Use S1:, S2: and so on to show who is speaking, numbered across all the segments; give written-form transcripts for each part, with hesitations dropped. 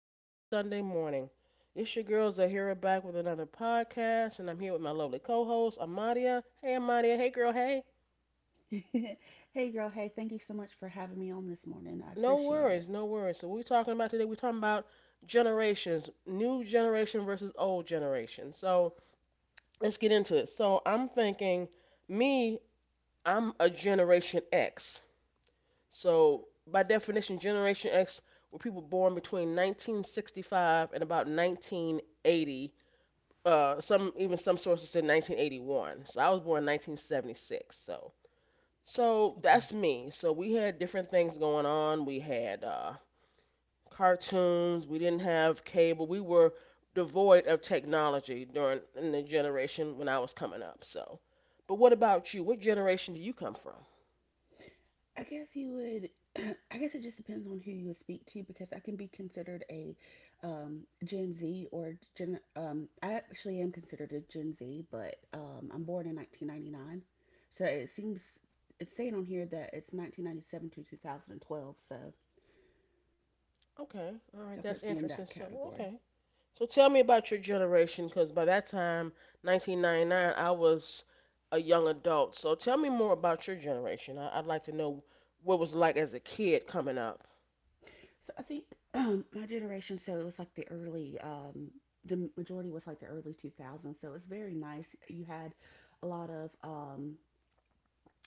S1: happy Sunday morning. It's your girls Zahira back with another podcast, and I'm here with my lovely co-host Amadia. Hey Amadia, hey girl, hey.
S2: Hey girl, hey, thank you so much for having me on this morning. I
S1: No
S2: appreciate
S1: worries,
S2: it.
S1: no worries. So we're talking about today. We're talking about generations, new generation versus old generation. So let's get into it. So I'm thinking, me, I'm a Generation X. So by definition, Generation X were people born between 1965 and about 1980, some even some sources said 1981. So I was born in 1976. So
S2: Okay.
S1: that's me. So we had different things going on. We had cartoons. We didn't have cable. We were devoid of technology during in the generation when I was coming up. So, but what about you? What generation do you come from?
S2: I guess you would, I guess it just depends on who you would speak to because I can be considered a Gen Z I actually am considered a Gen Z, but I'm born in 1999. So it seems, it's saying on here that it's 1997 to 2012, so
S1: Okay, all
S2: that
S1: right, that's
S2: puts me in that
S1: interesting. So
S2: category.
S1: okay, so tell me about your generation, because by that time, 1999, I was a young adult. So tell me more about your generation. I'd like to know what it was like as a kid coming up.
S2: So I think my generation, so it was like the early, the majority was like the early 2000s. So it was very nice. You had a lot of um,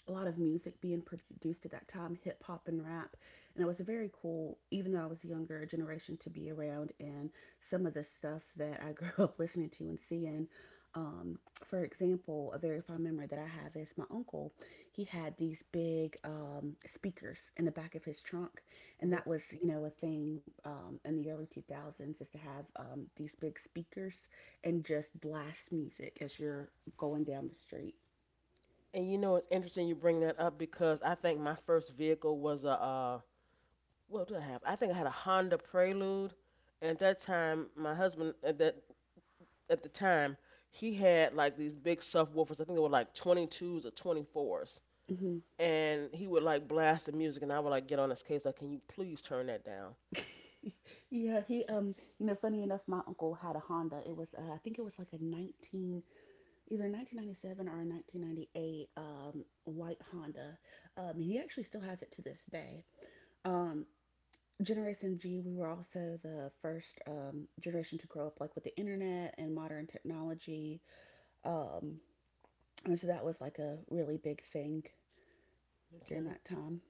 S2: a lot of music being produced at that time, hip hop and rap. And it was very cool, even though I was a younger generation, to be around and some of the stuff that I grew up listening to and seeing. Um, for example, a very fond memory that I have is my uncle. He had these big speakers in the back of his trunk, and that
S1: Hmm
S2: was, you know, a thing in the early 2000s is to have these big speakers and just blast music as you're going down the street.
S1: And you know, it's interesting you bring that up because I think my first vehicle was a, what did I have? I think I had a Honda Prelude. And at that time, my husband at that at the time, he had like these big subwoofers. I think they were like 22s or 24s,
S2: Mhm.
S1: and he would like blast the music, and I would like get on his case like, can you please turn that down?
S2: Yeah, he you know, funny enough, my uncle had a Honda. It was I think it was like a 19 either 1997 or a 1998 white Honda. And he actually still has it to this day. Um, Generation G, we were also the first generation to grow up like with the internet and modern technology. Um, and so that was like a really big thing during
S1: Okay.
S2: that time.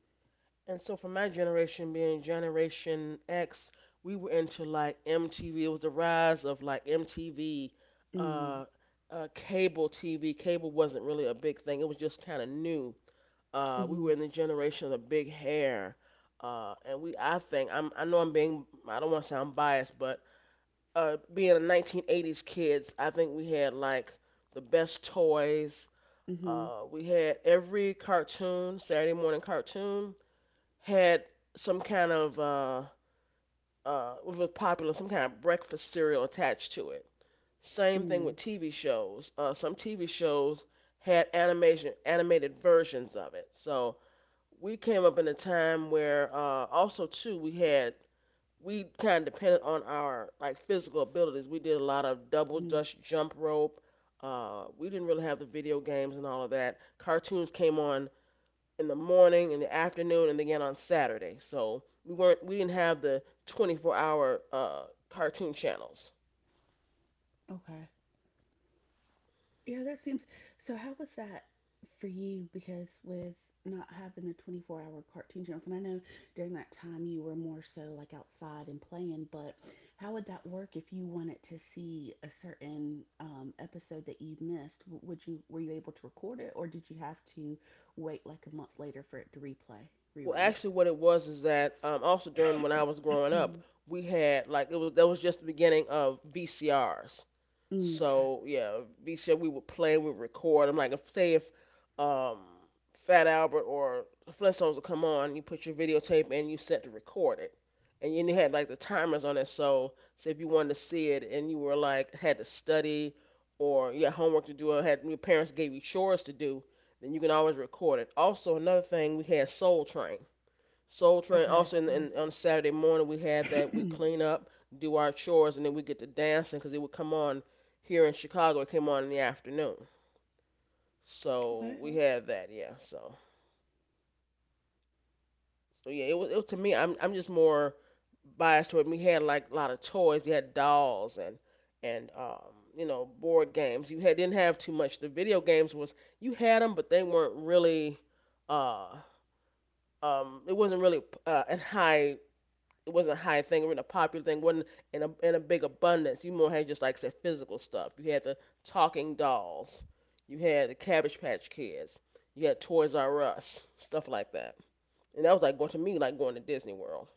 S1: And so for my generation, being Generation X, we were into like MTV. It was the rise of like MTV,
S2: Mm.
S1: uh, cable TV. Cable wasn't really a big thing. It was just kind of new. We
S2: Mm-hmm.
S1: were in the generation of the big hair. And we, I know I'm being, I don't want to sound biased, but being a 1980s kids, I think we had like the best toys.
S2: Mm-hmm.
S1: We had every cartoon, Saturday morning cartoon, had some kind of it was popular, some kind of breakfast cereal attached to it. Same thing with
S2: Mm.
S1: TV shows. Some TV shows had animation, animated versions of it. So we came up in a time where also too we had we kind of depended on our like physical abilities. We did a lot of double
S2: Mm-hmm.
S1: dutch jump rope. We didn't really have the video games and all of that. Cartoons came on in the morning, in the afternoon, and again on Saturday. So we didn't have the 24-hour cartoon channels.
S2: Okay. Yeah, that seems. So, how was that for you? Because with not having the 24-hour cartoon channels, and I know during that time you were more so like outside and playing, but how would that work if you wanted to see a certain episode that you missed? W- Would you were you able to record it, or did you have to wait like a month later for it to replay
S1: Well,
S2: reruns?
S1: actually, what it was is that also during when I was growing up,
S2: Mm.
S1: we had like it was that was just the beginning of VCRs.
S2: Mm. Okay.
S1: So yeah, V said we would record. I'm like, if um, Fat Albert or Flintstones would come on, you put your videotape and you set to record it, and you had like the timers on it. So say if you wanted to see it and you were like had to study or you had homework to do or had your parents gave you chores to do, then you can always record it. Also another thing we had Soul Train. Soul Train.
S2: Okay.
S1: Also,
S2: Yeah.
S1: on Saturday morning, we have that. We clean up, do our chores, and then we get to dancing because it would come on here in Chicago. It came on in the afternoon, so
S2: Okay.
S1: we had that. Yeah. So, it was to me. I'm just more biased toward. We had like a lot of toys. You had dolls and you know board games. You had didn't have too much. The video games was you had them, but they weren't really uh it wasn't really in high it wasn't a high thing, it wasn't a popular thing, it wasn't in a big abundance. You more had just like said physical stuff. You had the talking dolls, you had the Cabbage Patch Kids, you had Toys R Us, stuff like that. And that was like going to me like going to Disney World.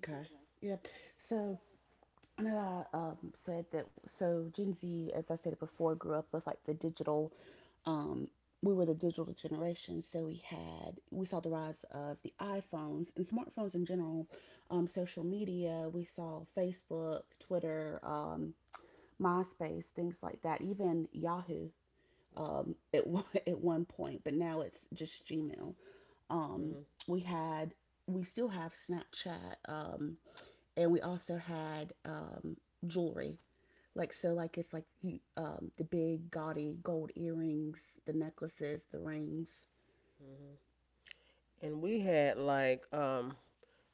S2: Okay. Yeah. So. No, I said that. So Gen Z, as I said before, grew up with like the digital. Um, we were the digital generation, so we saw the rise of the iPhones and smartphones in general. Social media, we saw Facebook, Twitter, MySpace, things like that. Even Yahoo, at at one point, but now it's just Gmail. Um,
S1: Hmm
S2: we had we still have Snapchat, and we also had jewelry. Like so, like it's like the big gaudy gold earrings, the necklaces, the rings.
S1: hmm And we had like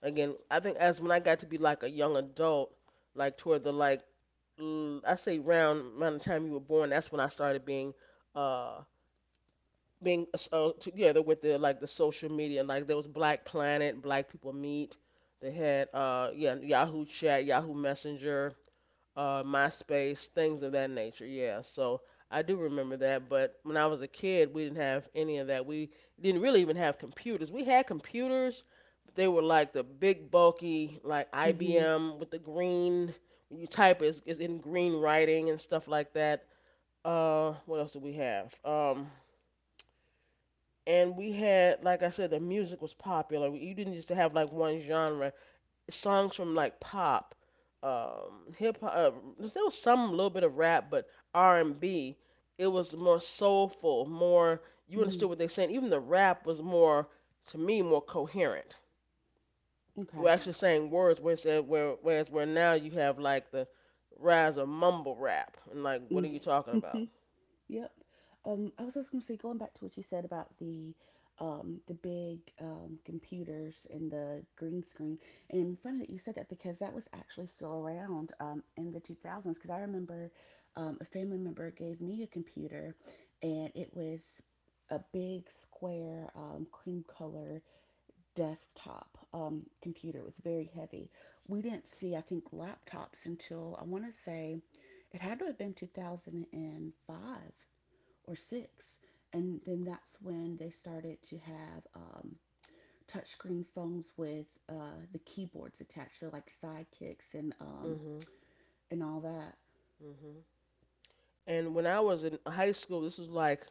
S1: again, I think as when I got to be like a young adult, like toward the like I say round around the time you were born, that's when I started being uh together with the like the social media like there was black planet black people meet, they had yahoo chat yahoo messenger, myspace, things of that nature, yeah. So I do remember that, but when I was a kid we didn't have any of that. We didn't really even have computers. We had computers, but they were like the big bulky like
S2: Mm-hmm.
S1: ibm with the green, when you type it, it's in green writing and stuff like that. What else did we have? And we had like I said, the music was popular. You didn't just have like one genre. Songs from like pop, hip hop. There was some little bit of rap, but R and B. It was more soulful, more you
S2: Mm-hmm.
S1: understood what they saying. Even the rap was more, to me, more coherent. You were
S2: Okay.
S1: actually saying words, whereas where now you have like the rise of mumble rap, and like what are you talking about?
S2: Mm. Yep. I was just gonna say, going back to what you said about the big computers and the green screen, and funny that you said that because that was actually still around in the 2000s. Because I remember a family member gave me a computer, and it was a big square cream color desktop computer. It was very heavy. We didn't see, I think, laptops until I want to say it had to have been 2005 or six. And then that's when they started to have touchscreen phones with the keyboards attached, so like sidekicks and um,
S1: Mhm,
S2: and all that.
S1: mhm. And when I was in high school, this was like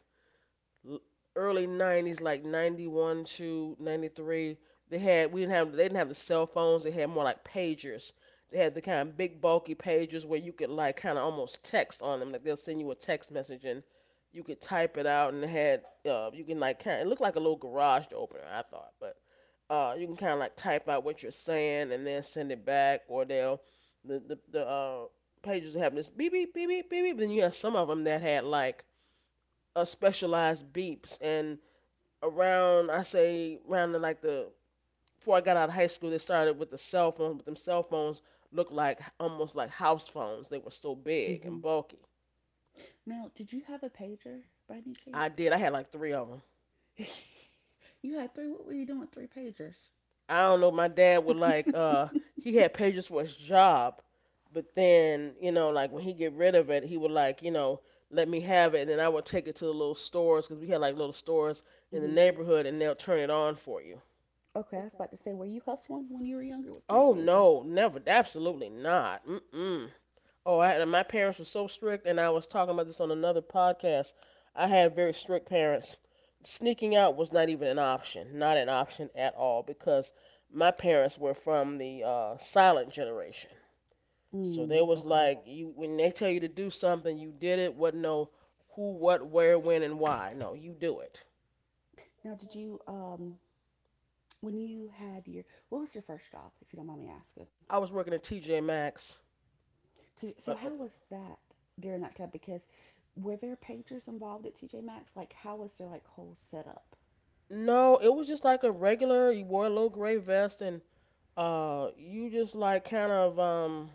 S1: early 90s like 91 to 93. They had We didn't have, they didn't have the cell phones. They had more like pagers. They had the kind of big bulky pagers where you could like kind of almost text on them. Like they'll send you a text message and you could type it out, and it had you can like kind of, it looked like a little garage opener I thought. But you can kind of like type out what you're saying and then send it back, or they'll the pagers have this beep beep beep beep beep. Then you have some of them that had like a specialized beeps. And around I say around the, like the, before I got out of high school, they started with the cell phones. But them cell phones looked like almost like house phones. They were so big and
S2: Hmm.
S1: bulky.
S2: Now, did you have a pager by any
S1: I
S2: chance?
S1: did. I had like three of them.
S2: You had three. What were you doing with three pagers?
S1: I don't know. My dad would like he had pages for his job, but then you know like when he get rid of it, he would like, you know, let me have it, and then I would take it to the little stores because we had like little stores in the
S2: Mm-hmm.
S1: neighborhood, and they'll turn it on for you.
S2: Okay, I was about to say, were you hustling when you were younger with three
S1: Oh
S2: pagers?
S1: no, never. Absolutely not. Mm. Oh, I had, my parents were so strict, and I was talking about this on another podcast. I had very strict parents. Sneaking out was not even an option, not an option at all, because my parents were from the silent generation. So
S2: Mm.
S1: they was
S2: Okay.
S1: like, you when they tell you to do something, you did it. Wasn't no who, what, where, when, and why. No, you do it.
S2: Now, did you, when you had your, what was your first job, if you don't mind me asking?
S1: I was working at TJ Maxx. Uh, uh,
S2: How was that during that time? Because were there pagers involved at TJ Maxx? Like, how was their like whole setup?
S1: no, it was just like a regular. You wore a little gray vest, and you just like kind of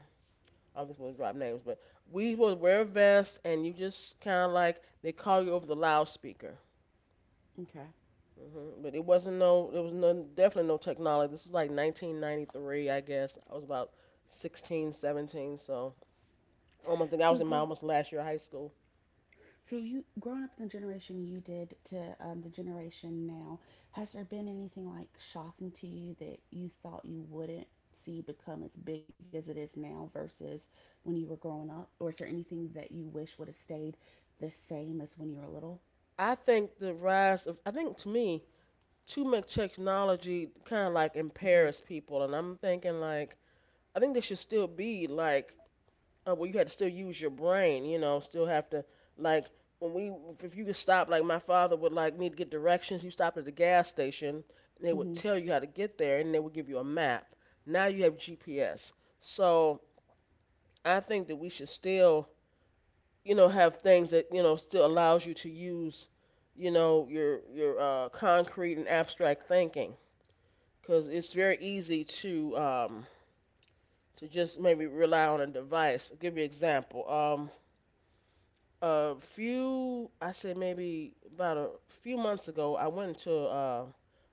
S1: I'm just gonna drop names, but we supposed to wear a vest, and you just kind of like they call you over the loudspeaker.
S2: Okay.
S1: Hmm But it wasn't no, there was no definitely no technology. This was like 1993, I guess. I was about 16, 17, so I almost think I
S2: So
S1: was in my
S2: grow
S1: almost last year of high school.
S2: So you growing up in the generation you did to the generation now, has there been anything like shocking to you that you thought you wouldn't see become as big as it is now versus when you were growing up, or is there anything that you wish would have stayed the same as when you were little?
S1: I think the rise of, I think to me, too much technology kind of like
S2: Mhm.
S1: impairs people, and I'm thinking like I think there should still be like, well, you had to still use your brain, you know, still have to like when we, if you could stop like my father would like me to get directions, you stopped at the gas station and they would
S2: Mhm.
S1: tell you how to get there and they would give you a map. Now you have GPS. So I think that we should still, you know, have things that, you know, still allows you to use, you know, your concrete and abstract thinking, because it's very easy to just maybe rely on a device. I'll give you an example. A few I say maybe about a few months ago, I went into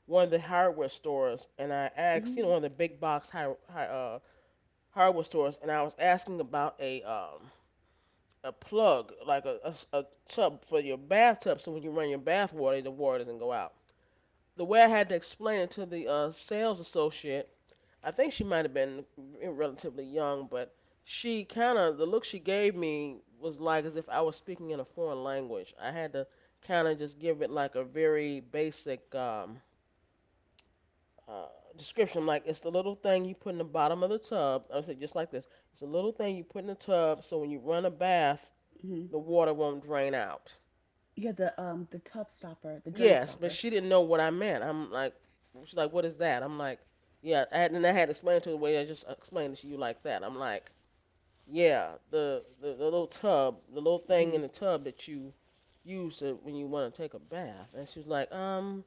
S1: one of the hardware stores and I asked,
S2: Mhm.
S1: one of the big box hardware stores, and I was asking about a plug, like a tub for your bathtub, so when you run your bath water, the water doesn't go out. The way I had to explain it to the sales associate, I think she might have been relatively young, but she kind of the look she gave me was like as if I was speaking in a foreign language. I had to kind of just give it like a very basic uh, description, like it's the little thing you put in the bottom of the tub. I said just like this. It's a little thing you put in the tub so when you run a bath,
S2: Mhm.
S1: the water won't drain out.
S2: Yeah, the tub stopper, the drain
S1: Yes, but
S2: stopper.
S1: she didn't know what I meant. I'm like, she's like, what is that? I'm like, yeah, and then I had to explain to her the way I just explained it to you like that. I'm like, yeah, the, the little tub, the little thing in
S2: Mhm.
S1: the tub that you use to, when you want to take a bath. And she was like,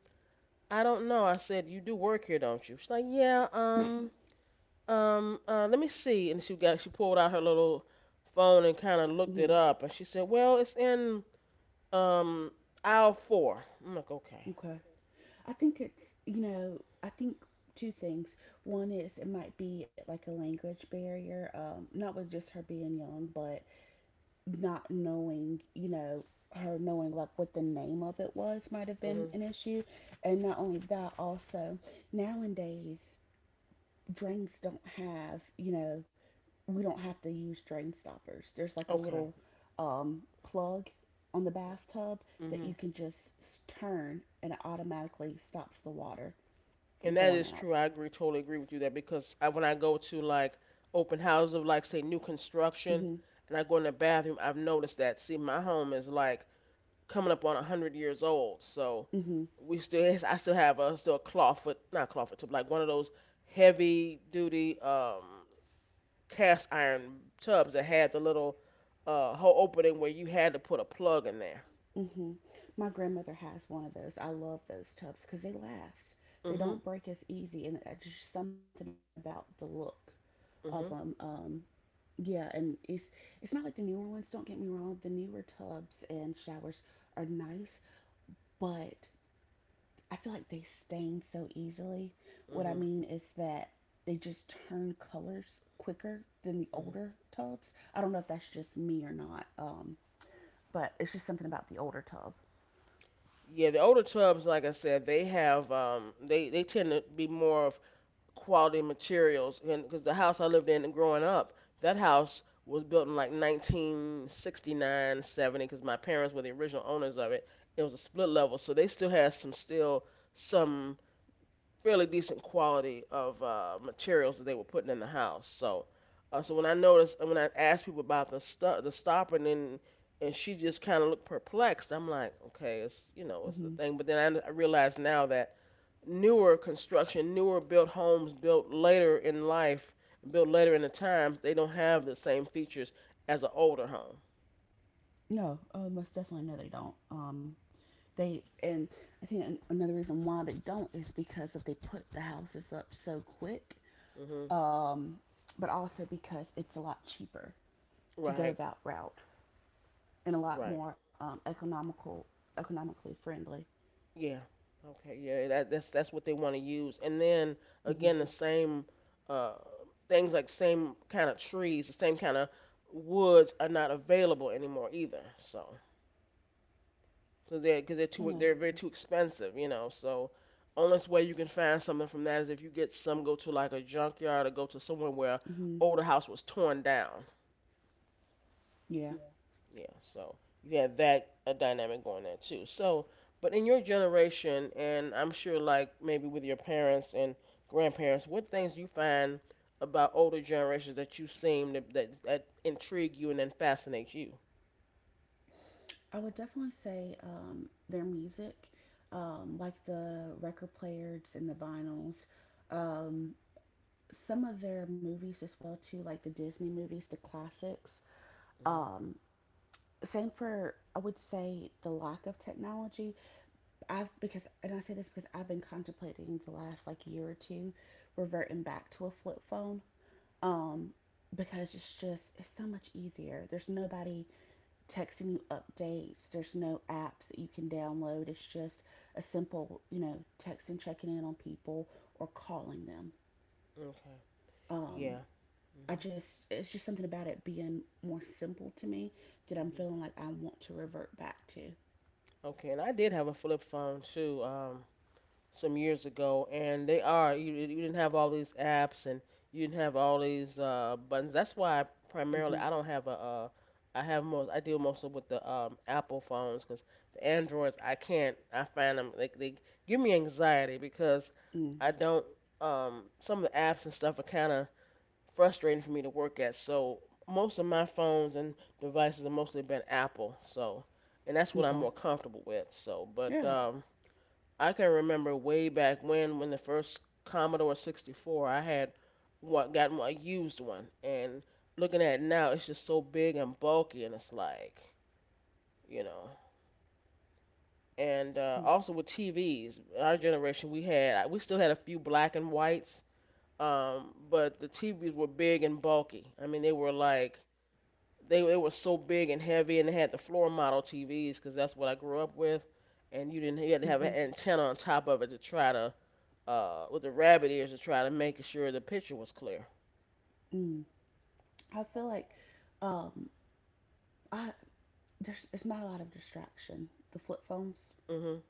S1: I don't know. I said, you do work here, don't you? She's like, yeah, let me see. And she pulled out her little phone and kind of looked it
S2: Mhm.
S1: up. And she said, well, it's in um aisle 4. I'm like, okay,
S2: Okay. I think it's, you know, I think two things. One is it might be like a language barrier, not with just her being young, but not knowing, you know, her knowing like what the name of it was might have been
S1: mhm,
S2: an issue. And not only that, also nowadays drains don't have, you know, we don't have to use drain stoppers. There's like a
S1: okay,
S2: little plug on the bathtub that you
S1: mhm.
S2: can just turn and it automatically stops the water from
S1: And that
S2: going
S1: is
S2: out.
S1: true. I agree, totally agree with you there because when I go to like open houses of like say new construction
S2: Hmm.
S1: and I go in the bathroom, I've noticed that. See, my home is like coming up on 100 years old, so
S2: Hmm.
S1: we still I still have a clawfoot, not clawfoot tub, like one of those heavy duty cast iron tubs that had the little hole opening where you had to put a plug in there.
S2: Hmm. My grandmother has one of those. I love those tubs because they last. They
S1: Mhm,
S2: don't break as easy, and it's just something about the look of them.
S1: mhm,
S2: Yeah, and it's not like the newer ones. Don't get me wrong. The newer tubs and showers are nice, but I feel like they stain so easily. What I
S1: mhm,
S2: mean is that they just turn colors quicker than the
S1: mhm.
S2: older tubs. I don't know if that's just me or not. But it's just something about the older tub.
S1: Yeah, the older tubs, like I said, they have they tend to be more of quality materials, and because the house I lived in growing up, that house was built in like 1969, 70, because my parents were the original owners of it. It was a split level, so they still had some fairly decent quality of materials that they were putting in the house. So when I noticed, when I asked people about the stopper, and then, and she just kind of looked perplexed. I'm like, okay, it's the
S2: Hmm.
S1: thing. But then I realized now that newer construction, newer built homes, built later in life, built later in the times, they don't have the same features as an older home.
S2: No, most definitely no, they don't. They and I think another reason why they don't is because if they put the houses up so quick,
S1: Hmm.
S2: um, but also because it's a lot cheaper to go
S1: Right,
S2: that route and a lot
S1: right.
S2: more economical, economically friendly.
S1: Yeah. Okay. Yeah. That's what they want to use. And then
S2: Hmm.
S1: again, the same uh, things like same kind of trees, the same kind of woods are not available anymore either. So because they're
S2: I
S1: too
S2: know.
S1: they're very too expensive, you know. So only way you can find something from that is if you get some go to like a junkyard or go to somewhere where
S2: Hmm.
S1: older house was torn down.
S2: Yeah,
S1: Yeah, so you have that a dynamic going there too. So, but in your generation, and I'm sure like maybe with your parents and grandparents, what things do you find about older generations that that intrigue you and then fascinate you?
S2: I would definitely say their music, like the record players and the vinyls, um, some of their movies as well too, like the Disney movies, the classics.
S1: Hmm.
S2: Um, same for I would say the lack of technology. I've Because and I say this because I've been contemplating the last like year or two reverting back to a flip phone. Um, because it's just it's so much easier. There's nobody texting you updates. There's no apps that you can download. It's just a simple, you know, texting, checking in on people or calling them.
S1: Okay.
S2: Um,
S1: Yeah.
S2: I
S1: Hmm.
S2: just it's just something about it being more simple to me that I'm feeling
S1: Hmm.
S2: like I want to revert back to.
S1: Okay, and I did have a flip phone too. Some years ago, and you didn't have all these apps and you didn't have all these buttons. That's why I primarily
S2: Mhm.
S1: I don't have a I deal mostly with the Apple phones because the Androids I can't I find them they give me anxiety because
S2: Mm.
S1: I don't some of the apps and stuff are kind of frustrating for me to work at. So most of my phones and devices have mostly been Apple. So and that's what I'm
S2: Okay.
S1: more comfortable with. So but
S2: Yeah.
S1: I can remember way back when the first Commodore 64, I had what got one, a used one, and looking at it now, it's just so big and bulky, and it's like, you know. And
S2: Mm.
S1: also with TVs, our generation, we still had a few black and whites, but the TVs were big and bulky. I mean, they were like, they were so big and heavy, and they had the floor model TVs because that's what I grew up with, and you didn't, you had to have
S2: Mhm.
S1: an antenna on top of it to try to with the rabbit ears to try to make sure the picture was clear.
S2: Mm. I feel like um I there's it's not a lot of distraction. The flip phones.
S1: Mhm.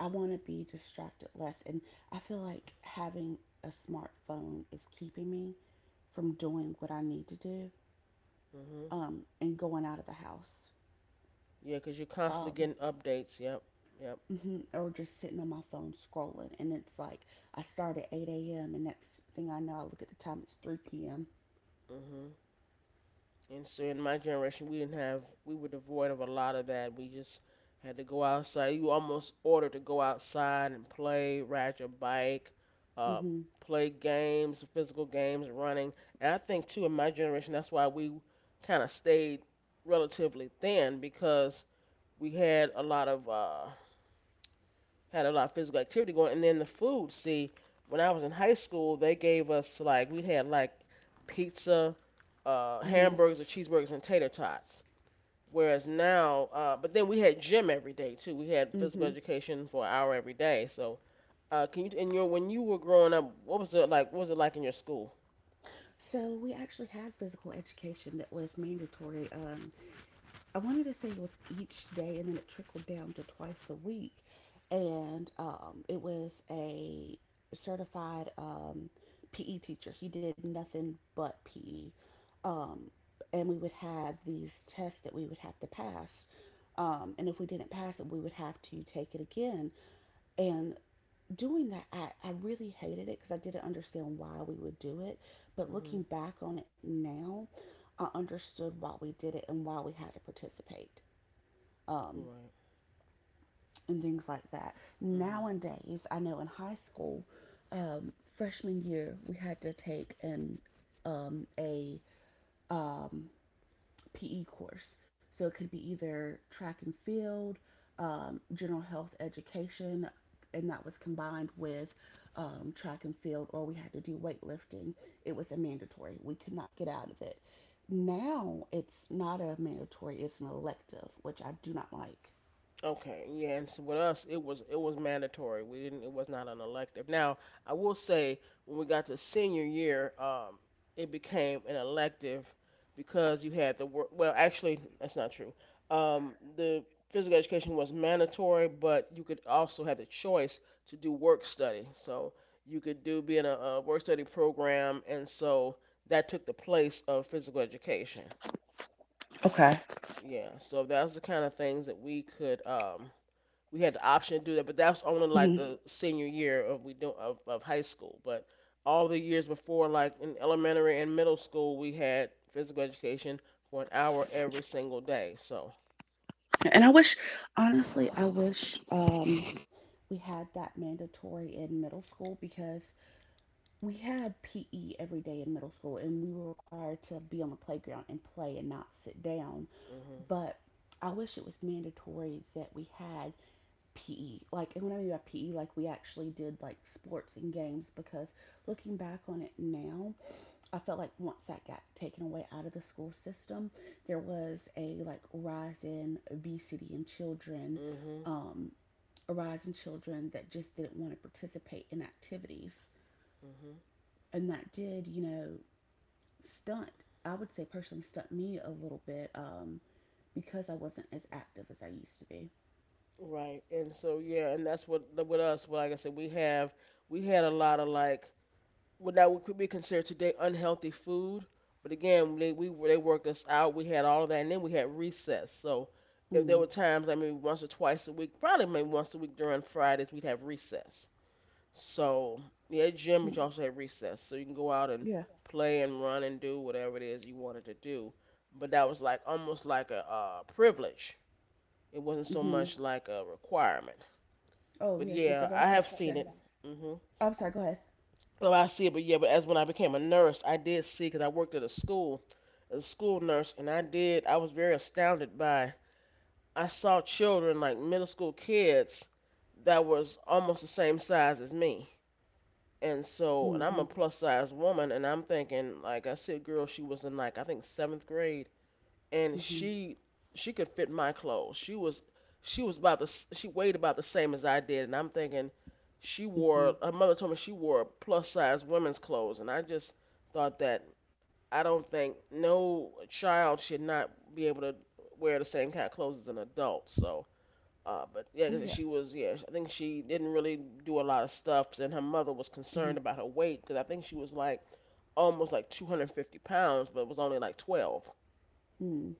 S2: I want to be distracted less, and I feel like having a smartphone is keeping me from doing what I need to do
S1: Mhm.
S2: and going out of the house.
S1: Yeah, 'cause you're constantly
S2: Um,
S1: getting updates. Yep. Yep.
S2: or just sitting on my phone scrolling. And it's like I start at 8 a.m. and next thing I know, I look at the time, it's 3 p.m.
S1: Mhm. And so in my generation, we didn't have, we were devoid of a lot of that. We just had to go outside. You almost ordered to go outside and play, ride your bike,
S2: Mm
S1: uh,
S2: hmm.
S1: play games, physical games, running. And I think too, in my generation, that's why we kind of stayed relatively thin because we had a lot of physical activity going. And then the food, see, when I was in high school, they gave us like we had like pizza,
S2: Mm hmm.
S1: hamburgers, or cheeseburgers, and tater tots. Whereas now, but then we had gym every day too. We had
S2: Mm
S1: physical
S2: hmm.
S1: education for an hour every day. So, can you in your when you were growing up, what was it like? What was it like in your school?
S2: So we actually had physical education that was mandatory. I wanted to say it was each day, and then it trickled down to twice a week. And it was a certified PE teacher. He did nothing but PE. Um, and we would have these tests that we would have to pass. And if we didn't pass it, we would have to take it again. And doing that, I really hated it because I didn't understand why we would do it. But
S1: Mhm.
S2: looking back on it now, I understood why we did it and why we had to participate um,
S1: Right.
S2: and things like that.
S1: Mhm.
S2: Nowadays, I know in high school, um, freshman year, we had to take an a um, PE course. So it could be either track and field, general health education, and that was combined with track and field, or we had to do weightlifting. It was a mandatory. We could not get out of it. Now it's not a mandatory, it's an elective, which I do not like.
S1: Okay, yeah, and so with us, it was mandatory. We didn't it was not an elective. Now, I will say when we got to senior year, it became an elective because you had the work. Well, actually, that's not true. The physical education was mandatory, but you could also have the choice to do work study. So you could do be in a work study program, and so that took the place of physical education.
S2: Okay.
S1: Yeah, so that's the kind of things that we had the option to do that, but that was only like
S2: Mhm.
S1: the senior year of of high school. But all the years before, like in elementary and middle school, we had physical education for an hour every single day. So.
S2: And I wish, honestly, I wish we had that mandatory in middle school because we had PE every day in middle school and we were required to be on the playground and play and not sit down.
S1: Mhm.
S2: But I wish it was mandatory that we had PE. Like, and when I mean by PE, like we actually did like sports and games because looking back on it now, I felt like once that got taken away out of the school system, there was a like rise in obesity in children,
S1: Mhm.
S2: um, a rise in children that just didn't want to participate in activities,
S1: Mhm.
S2: and that did, you know, stunt. I would say personally stunt me a little bit because I wasn't as active as I used to be.
S1: Right. And so yeah, and that's what with us. Well, like I said, we had a lot of like what that would be considered today unhealthy food. But again, they worked us out. We had all of that, and then we had recess. So if there
S2: Mm.
S1: were times, I mean, once or twice a week, probably maybe once a week during Fridays, we'd have recess. So yeah, gym, but
S2: Mm.
S1: you also had recess, so you can go out and
S2: Yeah.
S1: play and run and do whatever it is you wanted to do. But that was like almost like a privilege. It wasn't so
S2: Mhm.
S1: much like a requirement.
S2: Oh
S1: But
S2: yes, Mr.
S1: yeah, I
S2: That's what I was about
S1: have
S2: to
S1: seen
S2: say.
S1: it. Hmm.
S2: I'm sorry. Go ahead.
S1: Well, I see it, but yeah, but as when I became a nurse, I did see because I worked at a school as a school nurse, and I did. I was very astounded by. I saw children like middle school kids that was almost the same size as me, and so, and I'm
S2: Mhm.
S1: a plus size woman, and I'm thinking like I see a girl, she was in like I think seventh grade and
S2: Mhm.
S1: she could fit my clothes. She weighed about the same as I did, and I'm thinking she
S2: Mhm.
S1: wore her mother told me she wore plus size women's clothes, and I just thought that I don't think no child should not be able to wear the same kind of clothes as an adult. So, but yeah,
S2: Oh
S1: 'cause
S2: yeah.
S1: she was yeah, I think she didn't really do a lot of stuff, and her mother was
S2: Mhm.
S1: concerned about her weight because I think she was like almost like 250 pounds, but was only like 12.
S2: Mm.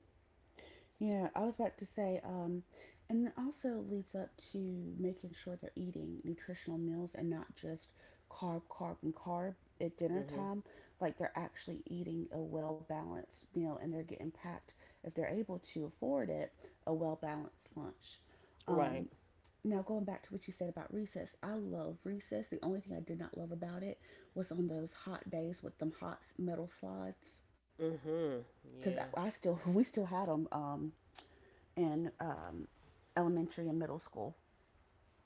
S2: Yeah, I was about to say, And it also leads up to making sure they're eating nutritional meals and not just carb, carb, and carb at dinner
S1: Hmm.
S2: time. Like they're actually eating a well balanced meal and they're getting packed, if they're able to afford it, a well balanced lunch.
S1: Right.
S2: Um, Now, going back to what you said about recess, I love recess. The only thing I did not love about it was on those hot days with them hot metal slides.
S1: Hmm.
S2: Because I,
S1: Yeah.
S2: I still, we still had them. In elementary and middle school.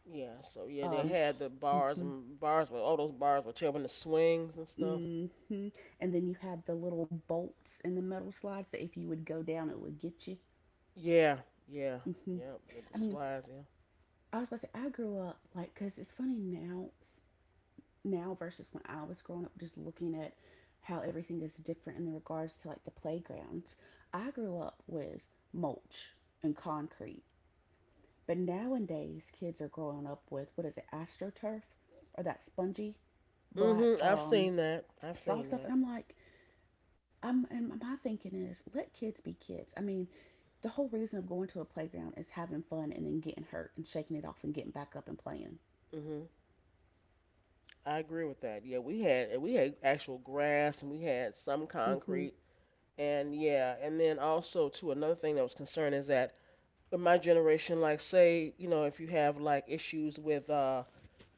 S1: Yeah. So yeah, they
S2: Um,
S1: had the bars
S2: hmm
S1: and bars with all those bars with children, the swings and stuff.
S2: hmm And then you had the little bolts in the metal slides that if you would go down, it would get you.
S1: Yeah. Yeah.
S2: Hmm.
S1: Yep. Yeah, the
S2: I mean,
S1: slides.
S2: I was about to say, I grew up like, because it's funny now, now versus when I was growing up, just looking at how everything is different in regards to like the playgrounds. I grew up with mulch and concrete, but nowadays kids are growing up with what is it, astroturf or that spongy
S1: Yeah. Hmm.
S2: black
S1: I've seen that. I've
S2: saw
S1: seen
S2: stuff,
S1: that.
S2: and I'm like, I'm and my thinking is let kids be kids. I mean, the whole reason of going to a playground is having fun and then getting hurt and shaking it off and getting back up and playing.
S1: Hmm. I agree with that. Yeah, we had actual grass and we had some
S2: Mm-hmm.
S1: concrete and yeah, and then also too another thing that was concerned is that in my generation, like say you know if you have like issues with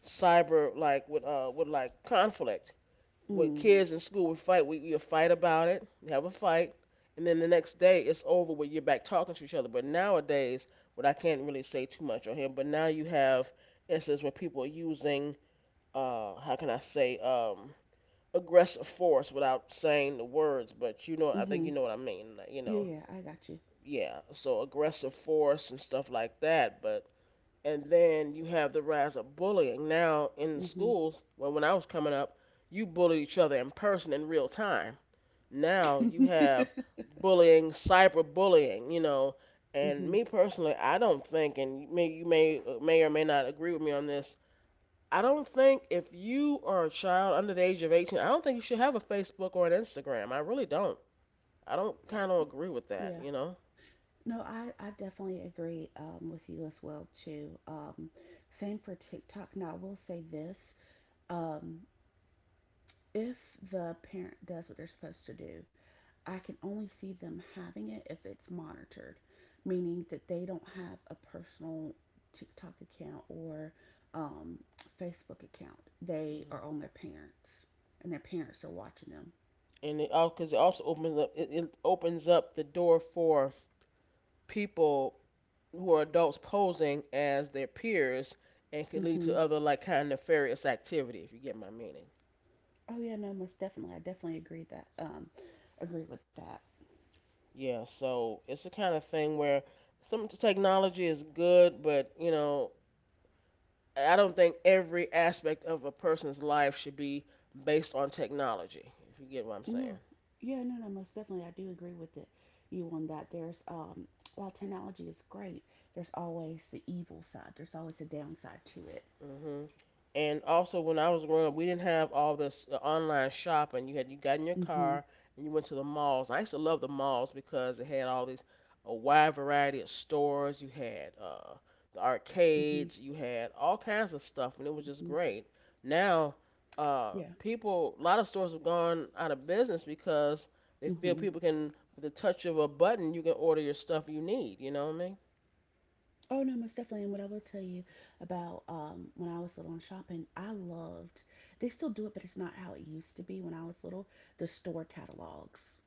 S1: cyber with like conflict with
S2: Mm.
S1: kids in school, we fight. We fight about it. We have a fight, and then the next day it's over. Where you're back talking to each other. But nowadays, what I can't really say too much on here. But now you have instances where people are using, how can I say, aggressive force without saying the words. But you know, I think
S2: Mm-hmm.
S1: you know what I mean.
S2: Yeah, yeah, I got you.
S1: Yeah. So aggressive force and stuff like that. But And then you have the rise of bullying now in the schools. Well, when I was coming up, you bullied each other in person in real time. Now you
S2: Mm-hmm.
S1: have bullying, cyberbullying, you know. And
S2: Mm-hmm.
S1: me personally, I don't think, and you may may or may not agree with me on this, I don't think if you are a child under the age of 18, I don't think you should have a Facebook or an Instagram. I really don't. I don't kind of agree with
S2: Yeah.
S1: that, you know.
S2: No, I definitely agree with you as well too. Same for TikTok. Now I will say this: um, if the parent does what they're supposed to do, I can only see them having it if it's monitored, meaning that they don't have a personal TikTok account or um, Facebook account. They
S1: Mm-hmm.
S2: are on their parents, and their parents are watching them.
S1: And it all, because it also opens up it opens up the door for people who are adults posing as their peers, and could lead
S2: Hmm.
S1: to other like kind of nefarious activity, if you get my meaning.
S2: Oh yeah, no, most definitely. I definitely agree with that.
S1: Yeah, so it's the kind of thing where some technology is good, but you know, I don't think every aspect of a person's life should be based on technology, if you get what I'm saying.
S2: No, yeah, no, no, most definitely. I do agree with it. You on that? There's while technology is great, there's always the evil side. There's always a downside to it.
S1: Mhm. And also, when I was growing up, we didn't have all this online shopping. You had you got in your
S2: Hmm.
S1: car and you went to the malls. I used to love the malls because it had all these, a wide variety of stores. You had the
S2: Hmm.
S1: arcades. You had all kinds of stuff, and it
S2: Hmm.
S1: was just great. Now,
S2: Yeah.
S1: people, a lot of stores have gone out of business because they feel
S2: Hmm.
S1: people can, with the touch of a button, you can order your stuff you need. You know what I mean?
S2: Oh no, most definitely. And what I will tell you about when I was little and shopping, I loved. They still do it, but it's not how it used to be when I was little. The store catalogs.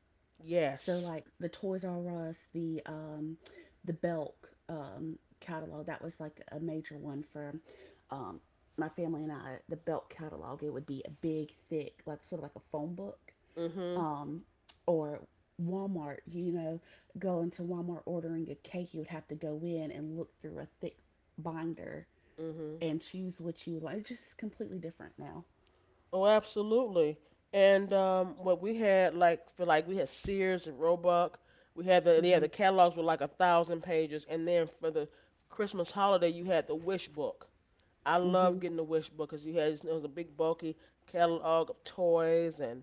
S2: So
S1: Yes.
S2: like the Toys R Us, the Belk catalog. That was like a major one for um, my family and I. The Belk catalog. It would be a big, thick, like sort of like a phone book.
S1: Mhm.
S2: um, or Walmart, you know, going to Walmart ordering a cake, you would have to go in and look through a thick binder
S1: Mhm.
S2: and choose what you would want. It's just completely different now.
S1: Oh, absolutely. And what we had, like, for like we had Sears and Roebuck. We had the, yeah, the
S2: Mhm.
S1: catalogs were like a thousand pages, and then for the Christmas holiday you had the wish book. I love
S2: Mhm.
S1: getting the wish book because you had, it was a big bulky catalog of toys, and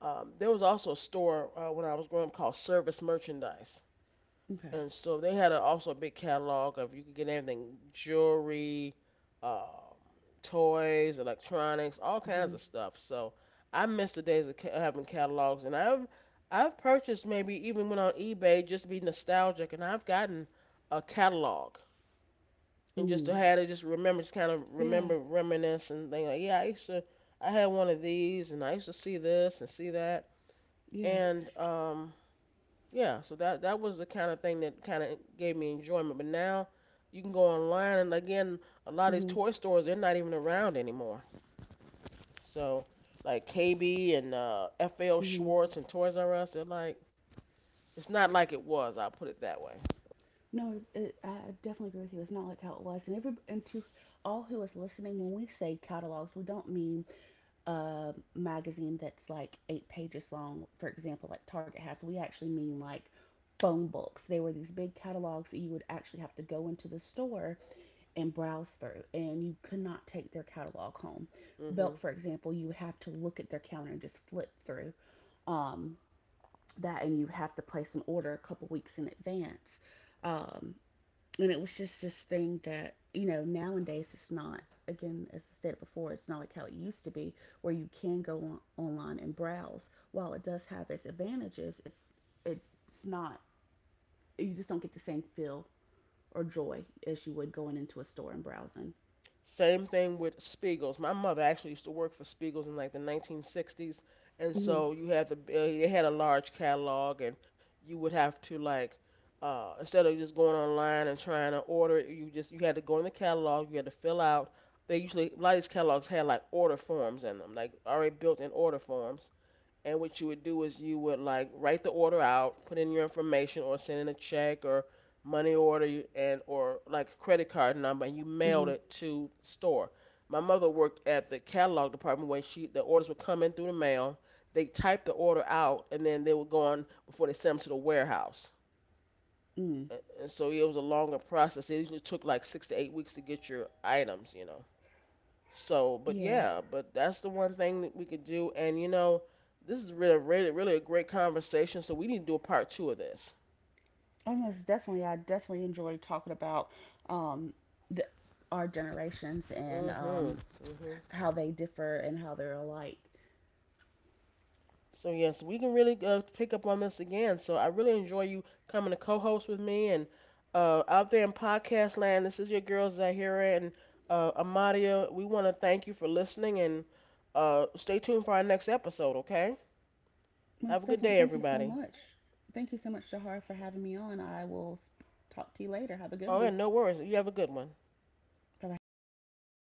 S1: there was also a store when I was growing up called Service Merchandise,
S2: Okay.
S1: and so they had a, also a big catalog of, you could get everything: jewelry, um, toys, electronics, all kinds of
S2: Mhm.
S1: stuff. So I miss the days of having catalogs, and I've purchased, maybe even went on eBay just to be nostalgic, and I've gotten a catalog, and just to
S2: Mm.
S1: have it, just remember, just kind of remember,
S2: Yeah.
S1: reminisce, and thing like, yeah, I used to, I had one of these, and I used to see this and see that,
S2: Yeah.
S1: and yeah, so that was the kind of thing that kind of gave me enjoyment. But now you can go online, and again, a lot of these
S2: Mhm.
S1: toy stores, they're not even around anymore. So like KB and FL
S2: Mhm.
S1: Schwartz and Toys R Us, they're like, it's not like it was. I'll put it that way.
S2: No, it, I definitely agree with you. It's not like how it was. And every and to all who is listening, when we say catalogs, we don't mean a magazine that's like eight pages long, for example, like Target has, we actually mean like phone books. They were these big catalogs that you would actually have to go into the store and browse through, and you could not take their catalog home.
S1: Hmm.
S2: Belk, for example, you would have to look at their counter and just flip through um, that, and you would have to place an order a couple weeks in advance. Um, and it was just this thing that, you know, nowadays it's not, again, as I said before, it's not like how it used to be where you can go on, online and browse. While it does have its advantages, it's not, you just don't get the same feel or joy as you would going into a store and browsing.
S1: Same thing with Spiegel's. My mother actually used to work for Spiegel's in like the 1960s, and so
S2: Mm-hmm.
S1: you had the they had a large catalog, and you would have to like instead of just going online and trying to order it, you just, you had to go in the catalog, you had to fill out. They usually, a lot of these catalogs had like order forms in them, like already built in order forms, and what you would do is you would like write the order out, put in your information, or send in a check or money order and or like credit card number, and you mailed
S2: Mm-hmm.
S1: it to store. My mother worked at the catalog department where she, the orders would come in through the mail. They typed the order out, and then they would go on before they sent them to the warehouse.
S2: Mm.
S1: And so it was a longer process. It usually took like 6 to 8 weeks to get your items, you know. So, but
S2: Yeah,
S1: yeah, but that's the one thing that we could do. And you know, this is really, really, really a great conversation. So we need to do a part two of this.
S2: almost definitely, I definitely enjoy talking about um the, our generations and
S1: Mhm, mhm.
S2: how they differ and how they're alike.
S1: So yes, we can really pick up on this again. So I really enjoy you coming to co-host with me and out there in podcast land. This is your girl Zahira and Amadia. We want to thank you for listening and stay tuned for our next episode. Okay?
S2: Well,
S1: Have a good
S2: Stefan,
S1: day,
S2: thank you so
S1: everybody.
S2: much. Thank you so much, Shahar, for having me on. I will talk to you later. Have a good
S1: Oh,
S2: one.
S1: and no worries. You have a good one.
S2: Bye bye.